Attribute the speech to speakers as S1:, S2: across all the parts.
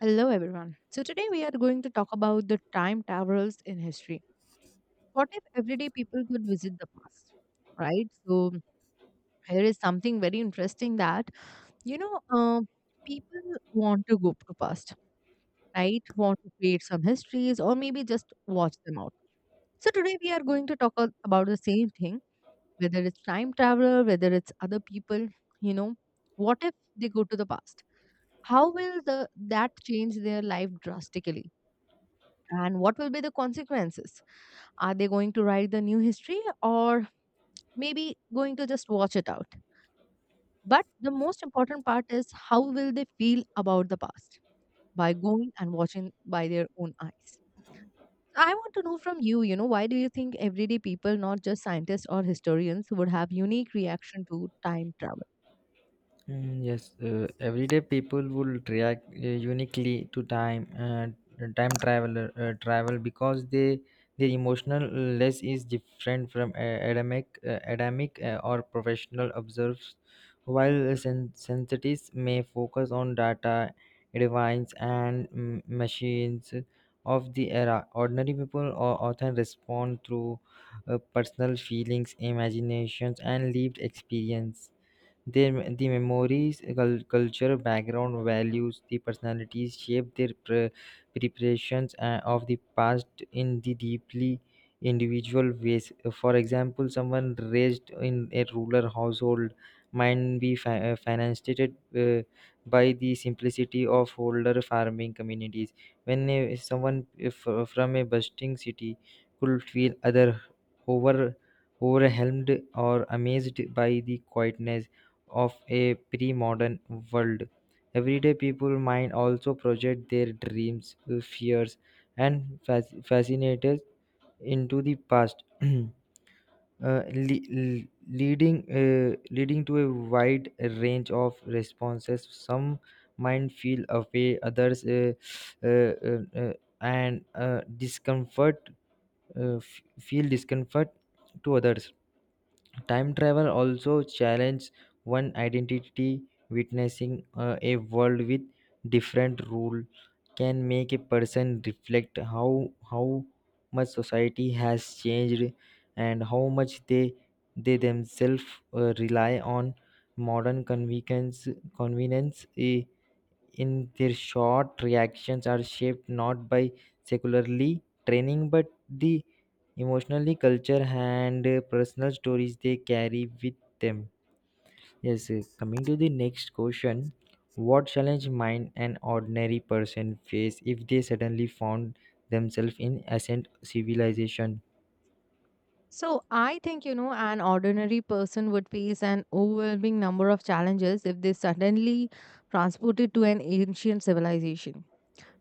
S1: Hello, everyone. So today we are going to talk about the time travels in history. What if everyday people could visit the past? Right? So here is something very interesting that, you know, uh, people want to go to past, right? Want to create some histories or maybe just watch them out. So today we are going to talk about the same thing, whether it's time traveler, whether it's other people, you know, what if they go to the past? How will the that change their life drastically? And what will be the consequences? Are they going to write the new history or maybe going to just watch it out? But the most important part is, how will they feel about the past by going and watching by their own eyes? I want to know from you, why do you think everyday people, not just scientists or historians, would have unique reaction to time travel?
S2: Mm, yes, everyday people would react uniquely to time and time traveler travel because they their emotional less is different from academic or professional observes, while sensitives may focus on data, divines and machines of the era. Ordinary people often respond through personal feelings, imaginations, and lived experience. The memories, culture, background, values, the personalities shape their preparations of the past in the deeply individual ways. For example, someone raised in a rural household might be financed it, by the simplicity of older farming communities. When someone if, from a bustling city could feel other over overwhelmed or amazed by the quietness of a pre-modern world. Everyday people might also project their dreams, fears, and fascinated into the past, le- le- leading to a wide range of responses. Some might feel away, others uh, uh, uh, and discomfort feel discomfort to others. Time travel also challenges one identity, witnessing a world with different rule can make a person reflect how much society has changed and how much they themselves rely on modern convenience. In their short reactions are shaped not by secularly training but the emotionally culture and personal stories they carry with them. Yes. Coming to the next question: what challenge might an ordinary person face if they suddenly found themselves in ancient civilization?
S1: So I think, an ordinary person would face an overwhelming number of challenges if they suddenly transported to an ancient civilization.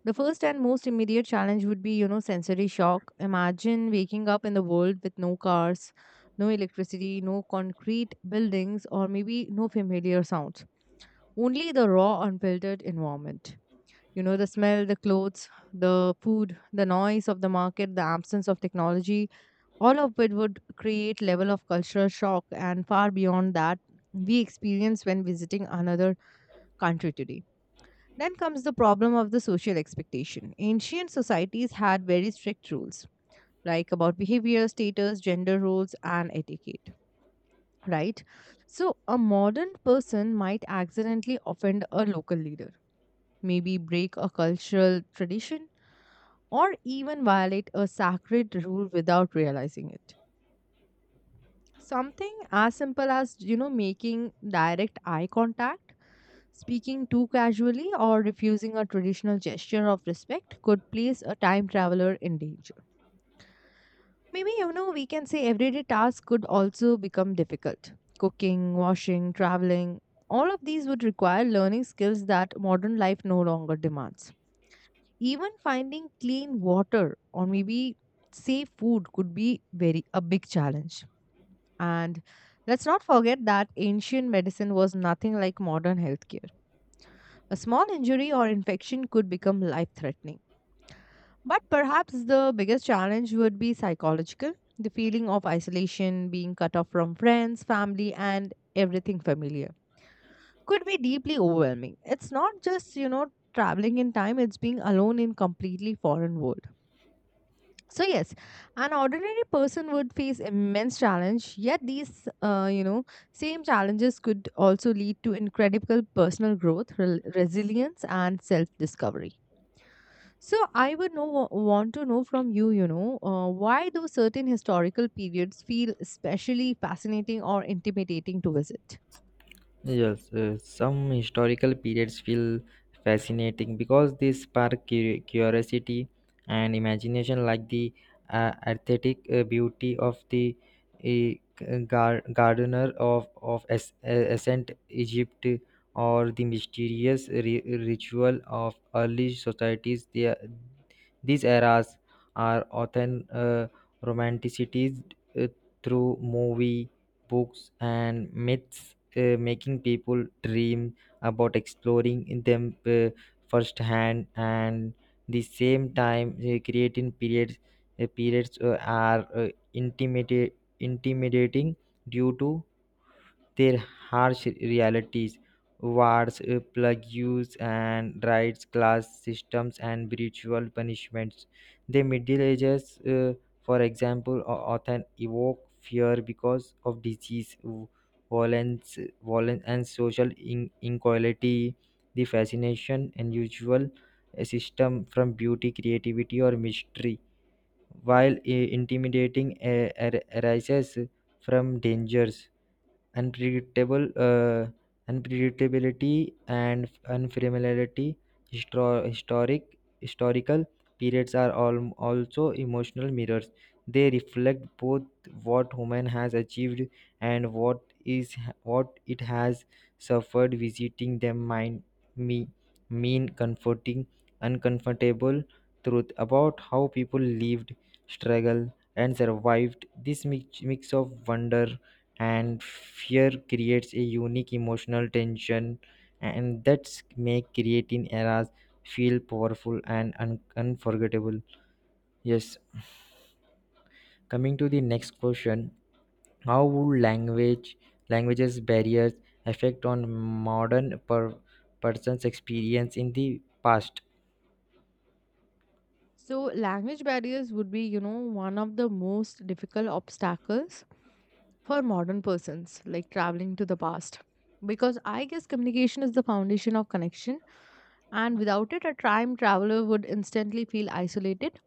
S1: The first and most immediate challenge would be, sensory shock. Imagine waking up in the world with no cars, no electricity, no concrete buildings, or maybe no familiar sounds. Only the raw, unfiltered environment. You know, the smell, the clothes, the food, the noise of the market, the absence of technology, all of it would create level of cultural shock and far beyond that we experience when visiting another country today. Then comes the problem of the social expectation. Ancient societies had very strict rules, like about behavior, status, gender roles, and etiquette, right? So a modern person might accidentally offend a local leader, maybe break a cultural tradition, or even violate a sacred rule without realizing it. Something as simple as, making direct eye contact, speaking too casually, or refusing a traditional gesture of respect could place a time traveler in danger. Maybe, we can say everyday tasks could also become difficult. Cooking, washing, traveling, all of these would require learning skills that modern life no longer demands. Even finding clean water or maybe safe food could be very a big challenge. And let's not forget that ancient medicine was nothing like modern healthcare. A small injury or infection could become life threatening. But perhaps the biggest challenge would be psychological, the feeling of isolation. Being cut off from friends, family, and everything familiar could be deeply overwhelming. It's not just, traveling in time, it's being alone in completely foreign world. So yes, an ordinary person would face immense challenge. Yet these, same challenges could also lead to incredible personal growth, rel resilience, and self-discovery. So I would know want to know from you, why do certain historical periods feel especially fascinating or intimidating to visit?
S2: Yes, some historical periods feel fascinating because they spark curiosity and imagination, like the aesthetic beauty of the gardener of ancient Egypt, or the mysterious ritual of early societies. These eras are often romanticized uh, through movie, books, and myths, making people dream about exploring them firsthand. And the same time, creating periods periods are intimidating due to their harsh realities, wars, plagues and rights, class systems, and brutal punishments. The Middle Ages, for example, often evoke fear because of disease, violence, violence and social inequality. The fascination and usual a system from beauty, creativity, or mystery, while intimidating arises from dangers unpredictable unpredictability and unfamiliarity. Historical periods are also emotional mirrors. They reflect both what human has achieved and what is what it has suffered visiting them mind me mean comforting uncomfortable truth about how people lived, struggled, and survived. This mix of wonder and fear creates a unique emotional tension, and that's make creating eras feel powerful and unforgettable. Yes. Coming to the next question: how would languages barriers affect on modern person's experience in the past?
S1: So language barriers would be, one of the most difficult obstacles for modern persons, like traveling to the past. Because I guess communication is the foundation of connection, and without it, a time traveler would instantly feel isolated,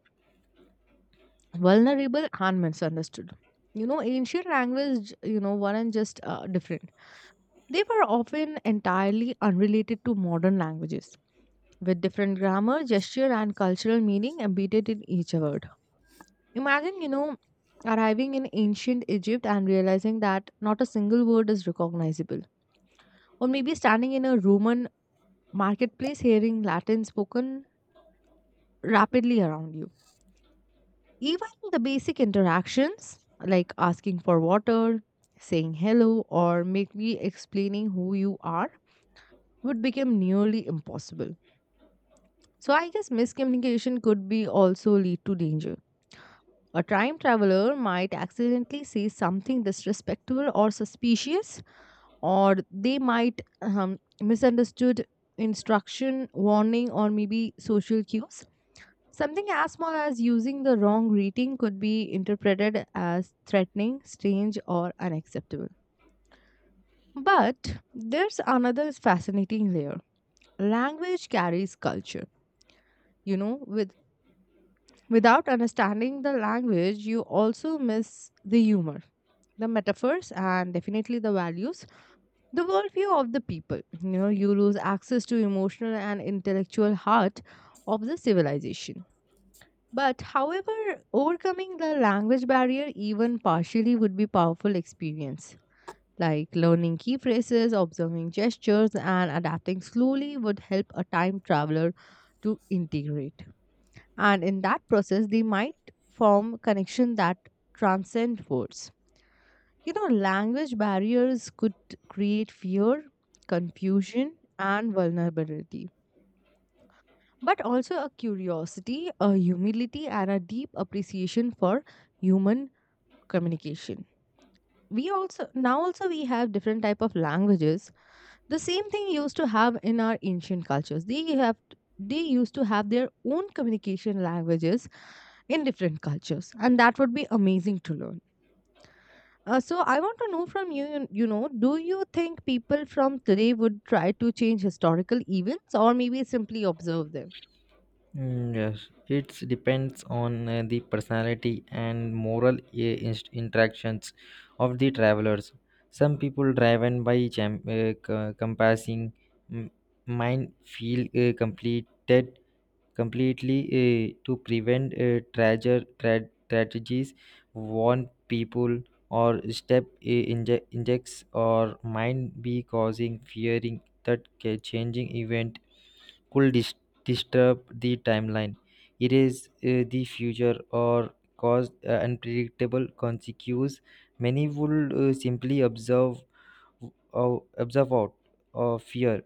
S1: vulnerable, and misunderstood. You know, ancient languages, weren't just different, they were often entirely unrelated to modern languages. With different grammar, gesture, and cultural meaning embedded in each word. Imagine, arriving in ancient Egypt and realizing that not a single word is recognizable, or maybe standing in a Roman marketplace hearing Latin spoken rapidly around you. Even the basic interactions like asking for water, saying hello, or maybe explaining who you are would become nearly impossible. So I guess miscommunication could be also lead to danger. A time traveler might accidentally see something disrespectful or suspicious, or they might misunderstood instruction, warning, or maybe social cues. Something as small as using the wrong greeting could be interpreted as threatening, strange, or unacceptable. But there's another fascinating layer. Language carries culture. You know, with Without understanding the language, you also miss the humor, the metaphors, and definitely the values, the worldview of the people. You know, you lose access to emotional and intellectual heart of the civilization. But however, overcoming the language barrier, even partially, would be powerful experience. Like learning key phrases, observing gestures, and adapting slowly would help a time traveler to integrate. And in that process, they might form connection that transcend words. You know, language barriers could create fear, confusion, and vulnerability, but also a curiosity, a humility, and a deep appreciation for human communication. We also we have different type of languages. The same thing used to have in our ancient cultures. They used to have their own communication languages in different cultures, and that would be amazing to learn. So I want to know from you, you know, do you think people from today would try to change historical events or maybe simply observe them?
S2: Mm, yes, it depends on the personality and moral interactions of the travelers. Some people driven by compassing m- mind feel completed completely to prevent tragedies, warn people, or step injects, or might be causing fearing that changing event could disturb the timeline. It is the future or cause unpredictable consequences. Many would simply observe out of fear,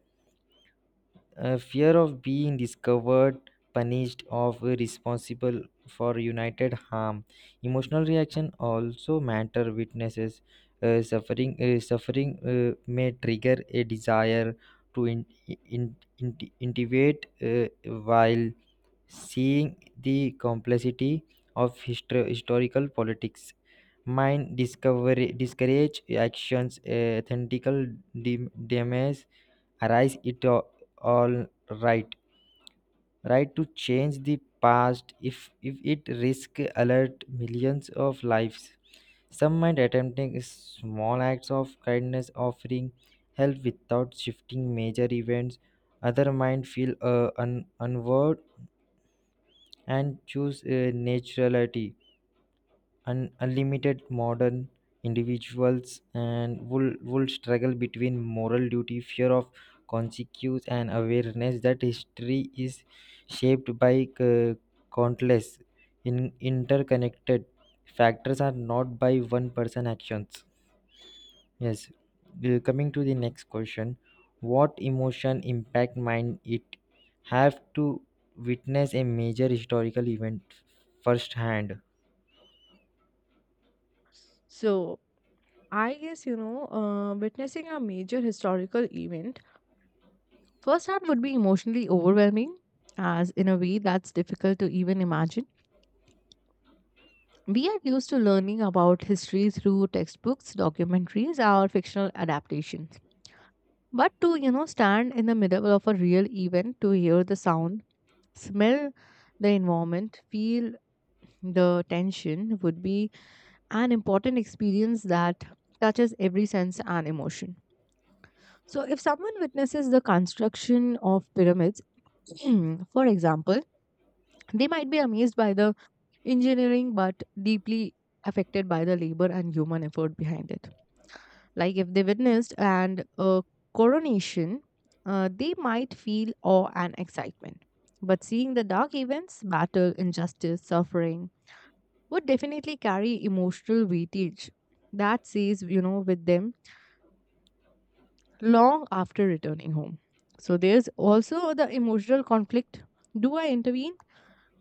S2: a fear of being discovered, punished, or responsible for united harm. Emotional reaction also matter. Witnesses suffering may trigger a desire to intivate, while seeing the complexity of historical politics. Mind discovery discourage actions, ethical damage arise. It all right to change the past if it risk alert millions of lives. Some might attempting small acts of kindness offering help without shifting major events. Other might feel unworthy and choose naturality unlimited modern individuals, and will struggle between moral duty, fear of consequence, and awareness that history is shaped by uh, countless interconnected factors, are not by one person actions. Yes. Coming to the next question: what emotion impact might it have to witness a major historical event firsthand?
S1: So I guess, witnessing a major historical event firsthand would be emotionally overwhelming, as in a way that's difficult to even imagine. We are used to learning about history through textbooks, documentaries, or fictional adaptations. But to, stand in the middle of a real event, to hear the sound, smell the environment, feel the tension would be an important experience that touches every sense and emotion. So if someone witnesses the construction of pyramids, for example, they might be amazed by the engineering but deeply affected by the labor and human effort behind it. Like if they witnessed and a coronation, they might feel awe and excitement. But seeing the dark events, battle, injustice, suffering, would definitely carry emotional weightage that stays, with them long after returning home. So there's also the emotional conflict. Do I intervene?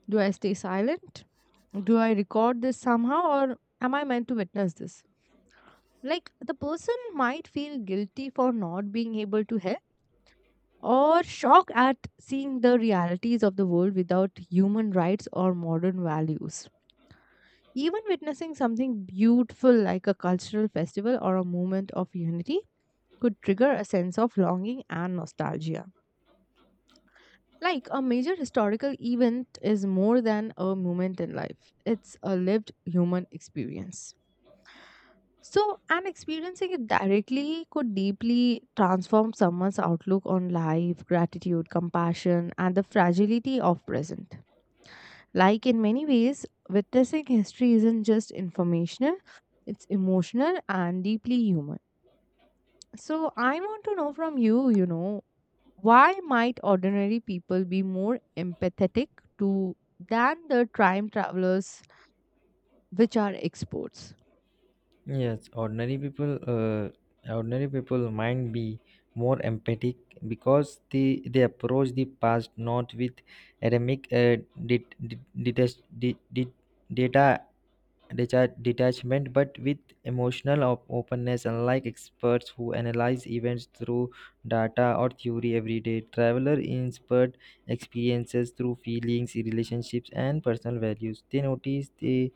S1: Do I stay silent? Do I record this somehow, or am I meant to witness this? Like the person might feel guilty for not being able to help, or shock at seeing the realities of the world without human rights or modern values. Even witnessing something beautiful like a cultural festival or a moment of unity could trigger a sense of longing and nostalgia. Like a major historical event is more than a moment in life, it's a lived human experience. So, and experiencing it directly could deeply transform someone's outlook on life, gratitude, compassion, and the fragility of present. Like in many ways, witnessing history isn't just informational, it's emotional and deeply human. So I want to know from you, why might ordinary people be more empathetic to than the time travelers which are exports?
S2: Yes, ordinary people might be more empathic because they approach the past not with academic det, det, detach, det, det, data detachment, but with emotional openness. Unlike experts who analyze events through data or theory every day, traveler inspired experiences through feelings, relationships, and personal values. They notice the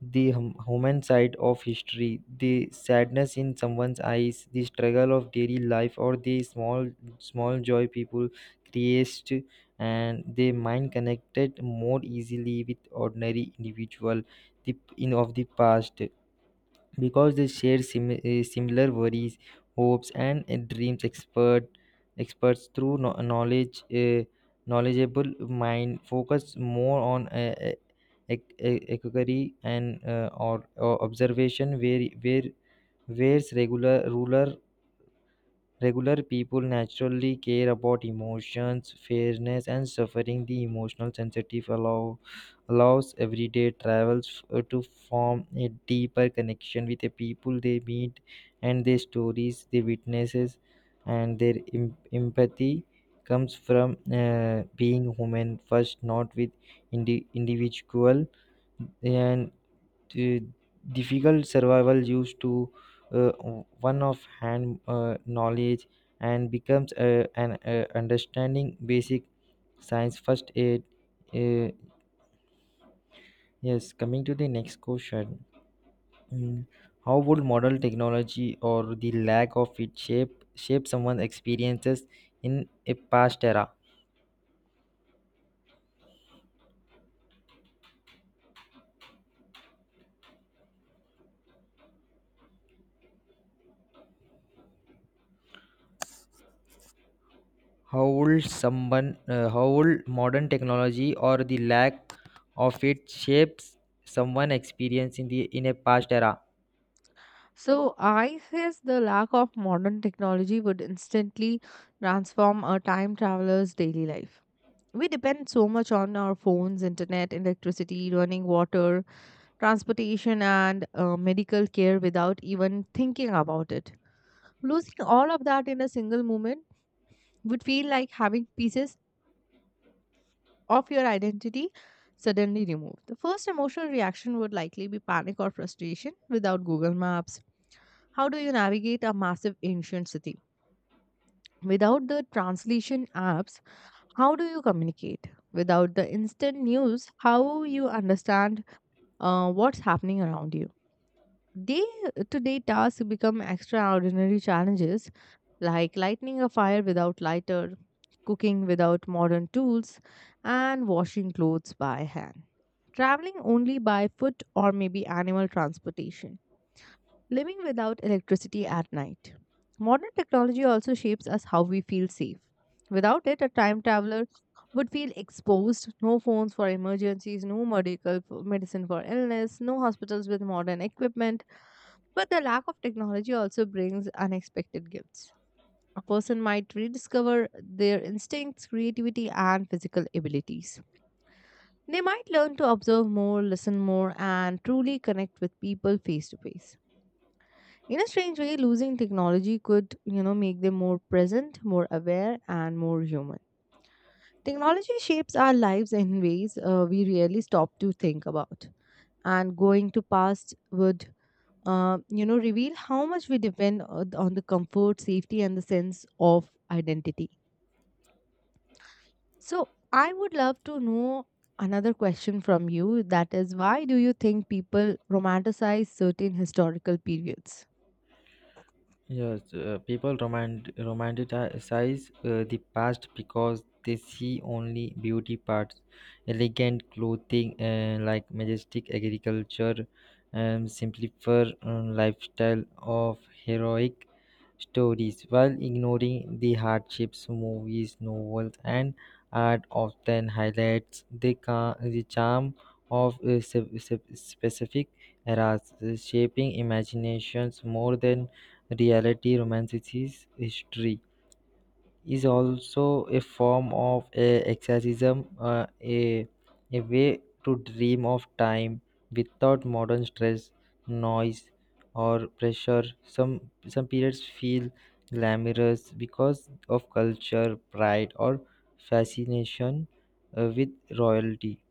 S2: human side of history, the sadness in someone's eyes, the struggle of daily life, or the small joy people create, and they mind connected more easily with ordinary individual the, in of the past because they share similar worries, hopes, and dreams. Experts through knowledge, knowledgeable mind focus more on inquiry and or observation, where where's regular ruler regular people naturally care about emotions, fairness, and suffering. The emotional sensitive allows everyday travels to form a deeper connection with the people they meet and their stories, their witnesses, and their empathy comes from being human first, not with individual, and the difficult survival used to, uh, one of hand knowledge and becomes an understanding basic science first aid. uh, yes. Coming to the next question. Mm, how would modern technology or the lack of it shape someone's experiences in a past era? How would modern technology or the lack of it shapes someone experience in the in a past era?
S1: So I says the lack of modern technology would instantly transform a time traveler's daily life. We depend so much on our phones, internet, electricity, running water, transportation, and medical care without even thinking about it. Losing all of that in a single moment would feel like having pieces of your identity suddenly removed. The first emotional reaction would likely be panic or frustration without Google Maps. How do you navigate a massive ancient city? Without the translation apps, how do you communicate? Without the instant news, how you understand what's happening around you? Day to day tasks become extraordinary challenges, like lighting a fire without lighter, cooking without modern tools, and washing clothes by hand. Traveling only by foot or maybe animal transportation. Living without electricity at night. Modern technology also shapes us how we feel safe. Without it, a time traveler would feel exposed. No phones for emergencies, no medical medicine for illness, no hospitals with modern equipment. But the lack of technology also brings unexpected gifts. A person might rediscover their instincts, creativity, and physical abilities. They might learn to observe more, listen more, and truly connect with people face to face. In a strange way, losing technology could, make them more present, more aware, and more human. Technology shapes our lives in ways we rarely stop to think about. And going to past would, reveal how much we depend on the comfort, safety, and the sense of identity. So I would love to know another question from you. That is, why do you think people romanticize certain historical periods?
S2: Yes, people romanticize the past because they see only beauty parts, elegant clothing, like majestic agriculture, and simplified lifestyle of heroic stories, while ignoring the hardships. Movies, novels, and art often highlights the, the charm of specific eras, shaping imaginations more than reality. Romanticism history is also a form of a exorcism, a way to dream of time without modern stress, noise, or pressure. Some periods feel glamorous because of culture, pride, or fascination with royalty,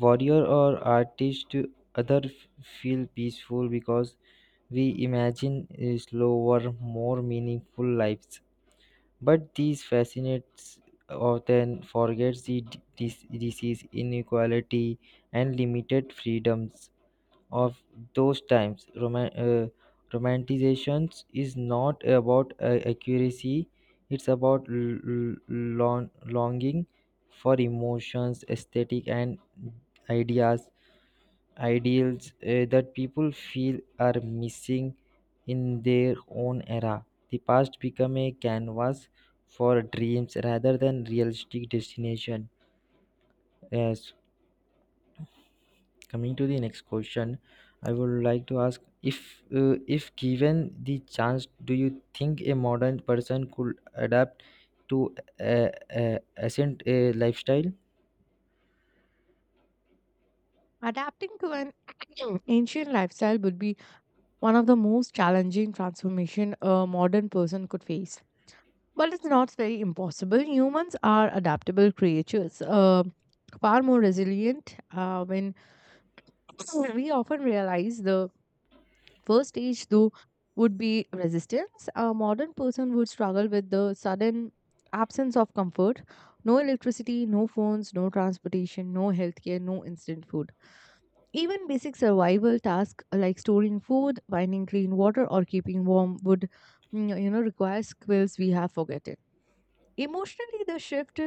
S2: warrior, or artist. Other feel peaceful because we imagine slower, more meaningful lives, but these fascinates often forgets the disease, inequality, and limited freedoms of those times. Romanticizations is not about accuracy, it's about longing for emotions, aesthetic, and ideas, ideals that people feel are missing in their own era. The past become a canvas for dreams rather than realistic destination. Yes. Coming to the next question, I would like to ask if given the chance, do you think a modern person could adapt to a ancient lifestyle?
S1: Adapting to an ancient lifestyle would be one of the most challenging transformation a modern person could face. But it's not very impossible. Humans are adaptable creatures, far more resilient. When we often realize the first stage, though, would be resistance. A modern person would struggle with the sudden absence of comfort, no electricity, no phones, no transportation, no healthcare, no instant food. Even basic survival tasks like storing food, finding clean water, or keeping warm would, require skills we have forgotten. Emotionally, the shift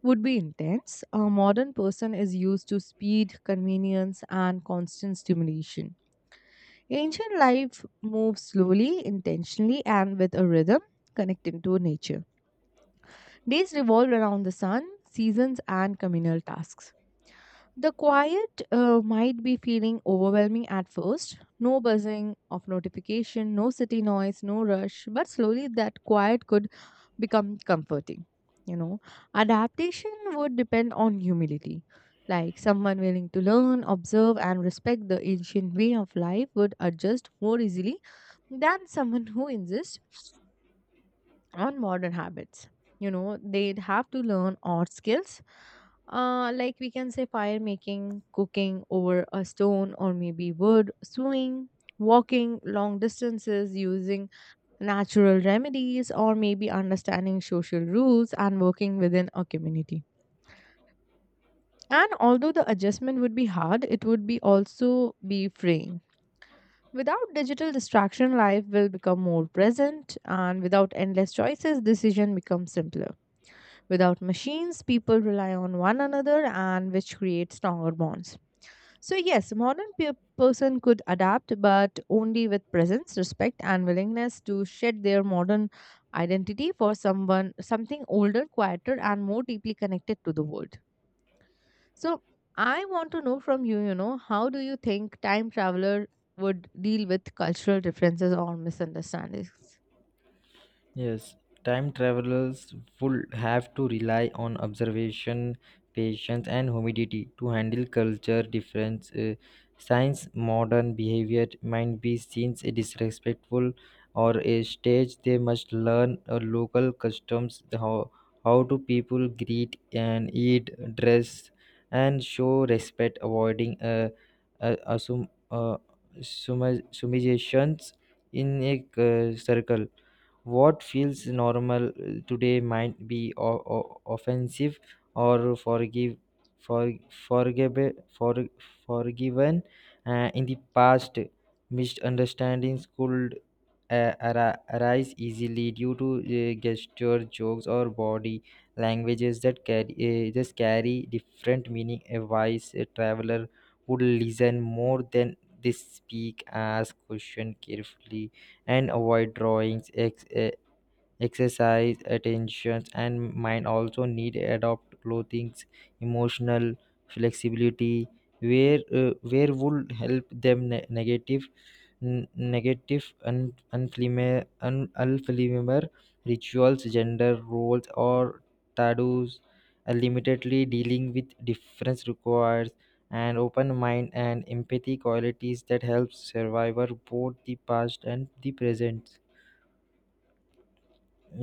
S1: would be intense. A modern person is used to speed, convenience, and constant stimulation. Ancient life moves slowly, intentionally, and with a rhythm connecting to nature. Days revolve around the sun, seasons, and communal tasks. The quiet might be feeling overwhelming at first. No buzzing of notification, no city noise, no rush, but slowly that quiet could become comforting. You know, adaptation would depend on humility. Like someone willing to learn, observe, and respect the ancient way of life would adjust more easily than someone who insists on modern habits. You know, they'd have to learn odd skills, like we can say fire making, cooking over a stone or maybe wood, sewing, walking long distances, using natural remedies, or maybe understanding social rules and working within a community. And although the adjustment would be hard, it would be also be freeing. Without digital distraction, life will become more present, and without endless choices, decision becomes simpler. Without machines, people rely on one another, and which creates stronger bonds. So, yes, modern person could adapt, but only with presence, respect, and willingness to shed their modern identity for someone something older, quieter, and more deeply connected to the world. So I want to know from you, you know, how do you think time traveler would deal with cultural differences or misunderstandings?
S2: Yes, time travelers would have to rely on observation, patience, and humidity to handle culture difference. Science, modern behavior might be seen as disrespectful or a stage. They must learn local customs, how do people greet and eat, dress, and show respect, avoiding uh, assum- uh, summations in a circle. What feels normal today might be offensive or for, forgive, for, forgiven in the past. Misunderstandings could arise easily due to gesture, jokes, or body languages that carry just carry different meaning. A wise traveler would listen more than they speak, ask question carefully, and avoid drawings, etc., exercise attention and mind. Also need adopt clothing, emotional flexibility, where would help them negative unflammable rituals, gender roles, or taboos. Limitedly, dealing with difference requires an open mind and empathy, qualities that help survivor both the past and the present.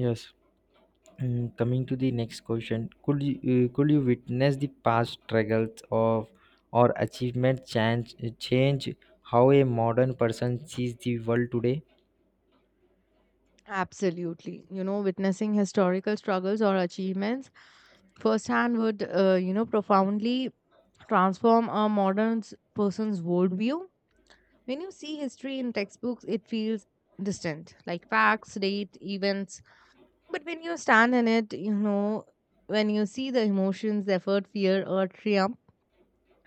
S2: Yes. Coming to the next question, could you witness the past struggles of or achievement change how a modern person sees the world today?
S1: Absolutely. You know, witnessing historical struggles or achievements firsthand would, you know, profoundly transform a modern person's worldview. When you see history in textbooks, it feels distant, like facts, date, events. But when you stand in it, you know, when you see the emotions, effort, fear, or triumph,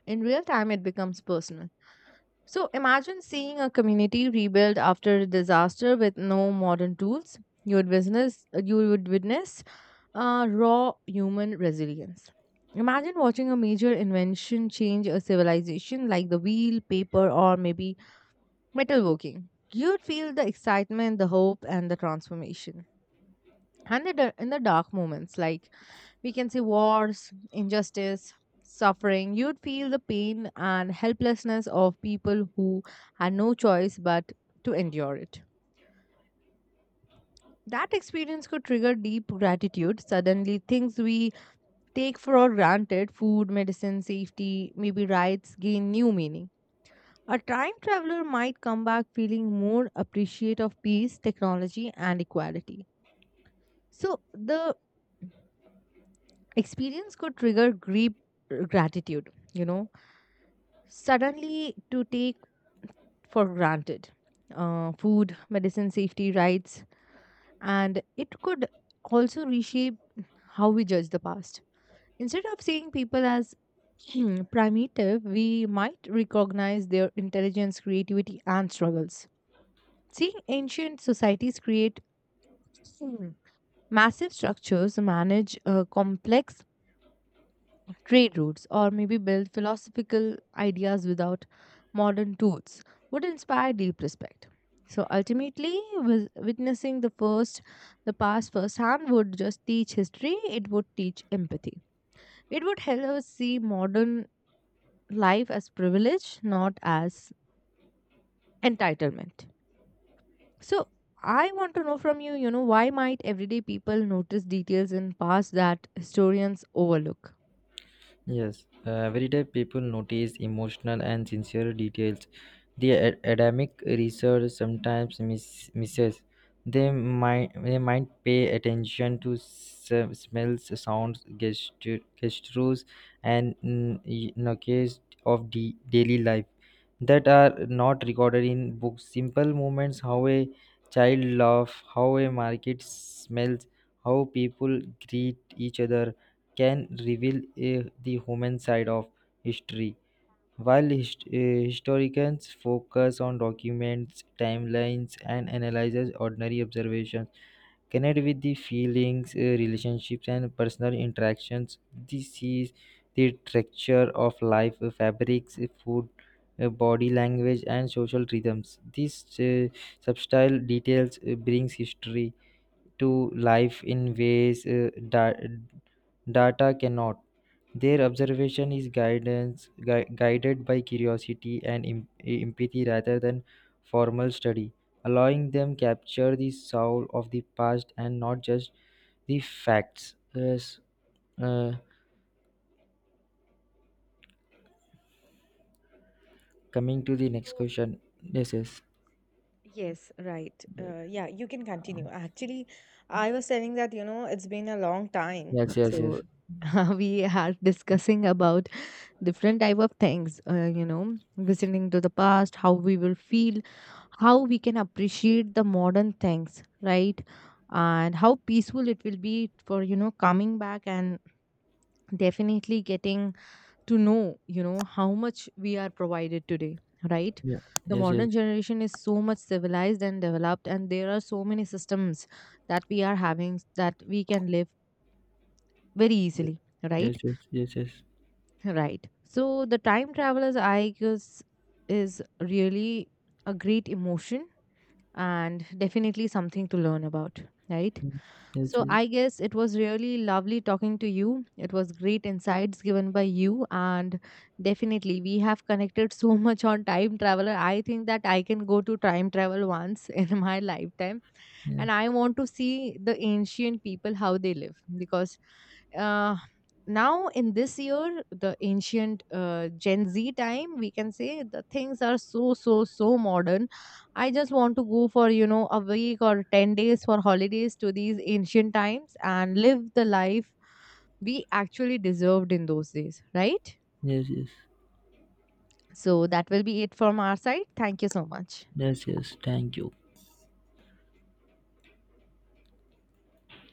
S1: in real time, it becomes personal. So imagine seeing a community rebuild after a disaster with no modern tools. You would witness raw human resilience. Imagine watching a major invention change a civilization like the wheel, paper, or maybe metalworking. You'd feel the excitement, the hope, and the transformation. And in the dark moments, like we can see wars, injustice, suffering, you'd feel the pain and helplessness of people who had no choice but to endure it. That experience could trigger deep gratitude. Suddenly, things we take for granted food, medicine, safety, maybe rights gain new meaning. A time traveler might come back feeling more appreciative of peace, technology, and equality. So the experience could trigger grief, gratitude, you know, suddenly to take for granted food, medicine, safety, rights, and it could also reshape how we judge the past. Instead of seeing people as primitive, we might recognize their intelligence, creativity, and struggles. Seeing ancient societies create Hmm. massive structures manage complex trade routes or maybe build philosophical ideas without modern tools would inspire deep respect. So ultimately, witnessing the past firsthand would just teach history. It would teach empathy. It would help us see modern life as privilege, not as entitlement. So I want to know from you, you know, why might everyday people notice details in past that historians overlook?
S2: Yes, everyday people notice emotional and sincere details. The academic research sometimes misses. They might pay attention to smells, sounds, gestures, and nuances of the daily life that are not recorded in books. Simple moments, how a child laughs, how a market smells, how people greet each other, can reveal the human side of history. While historians focus on documents, timelines, and analyzes ordinary observations, connect with the feelings, relationships, and personal interactions. This is the texture of life, fabrics, food, body language, and social rhythms. These eh, subtle details brings history to life in ways data cannot. Their observation is guided by curiosity and empathy rather than formal study, allowing them capture the soul of the past and not just the facts. Yes. Uh, Coming to the next
S1: So
S2: question. Yes. Yes.
S1: Yes, right. Yeah, you can continue. Actually, I was telling that, you know, it's been a long time.
S2: Yes. Yes. Yes.
S1: So we are discussing about different type of things, you know, listening to the past, how we will feel, how we can appreciate the modern things, right? And how peaceful it will be for, you know, coming back and definitely getting to know, you know, how much we are provided today, right?
S2: Yeah.
S1: The
S2: Yes.
S1: modern
S2: Yes.
S1: generation is so much civilized and developed, and there are so many systems that we are having that we can live very easily,
S2: Yes.
S1: right?
S2: Yes. Yes. Yes. Yes. Yes. Yes.
S1: Right. So the time travelers, I guess, is really a great emotion and definitely something to learn about, right? So I guess it was really lovely talking to you. It was great insights given by you, and definitely we have connected so much on time traveler. I think that I can go to time travel once in my lifetime and I want to see the ancient people how they live because uh, now in this year the ancient gen Z time we can say the things are so modern. I just want to go for, you know, a week or 10 days for holidays to these ancient times and live the life we actually deserved in those days, right?
S2: Yes. Yes.
S1: So that will be it from our side. Thank you so much.
S2: Yes. Yes. Thank you.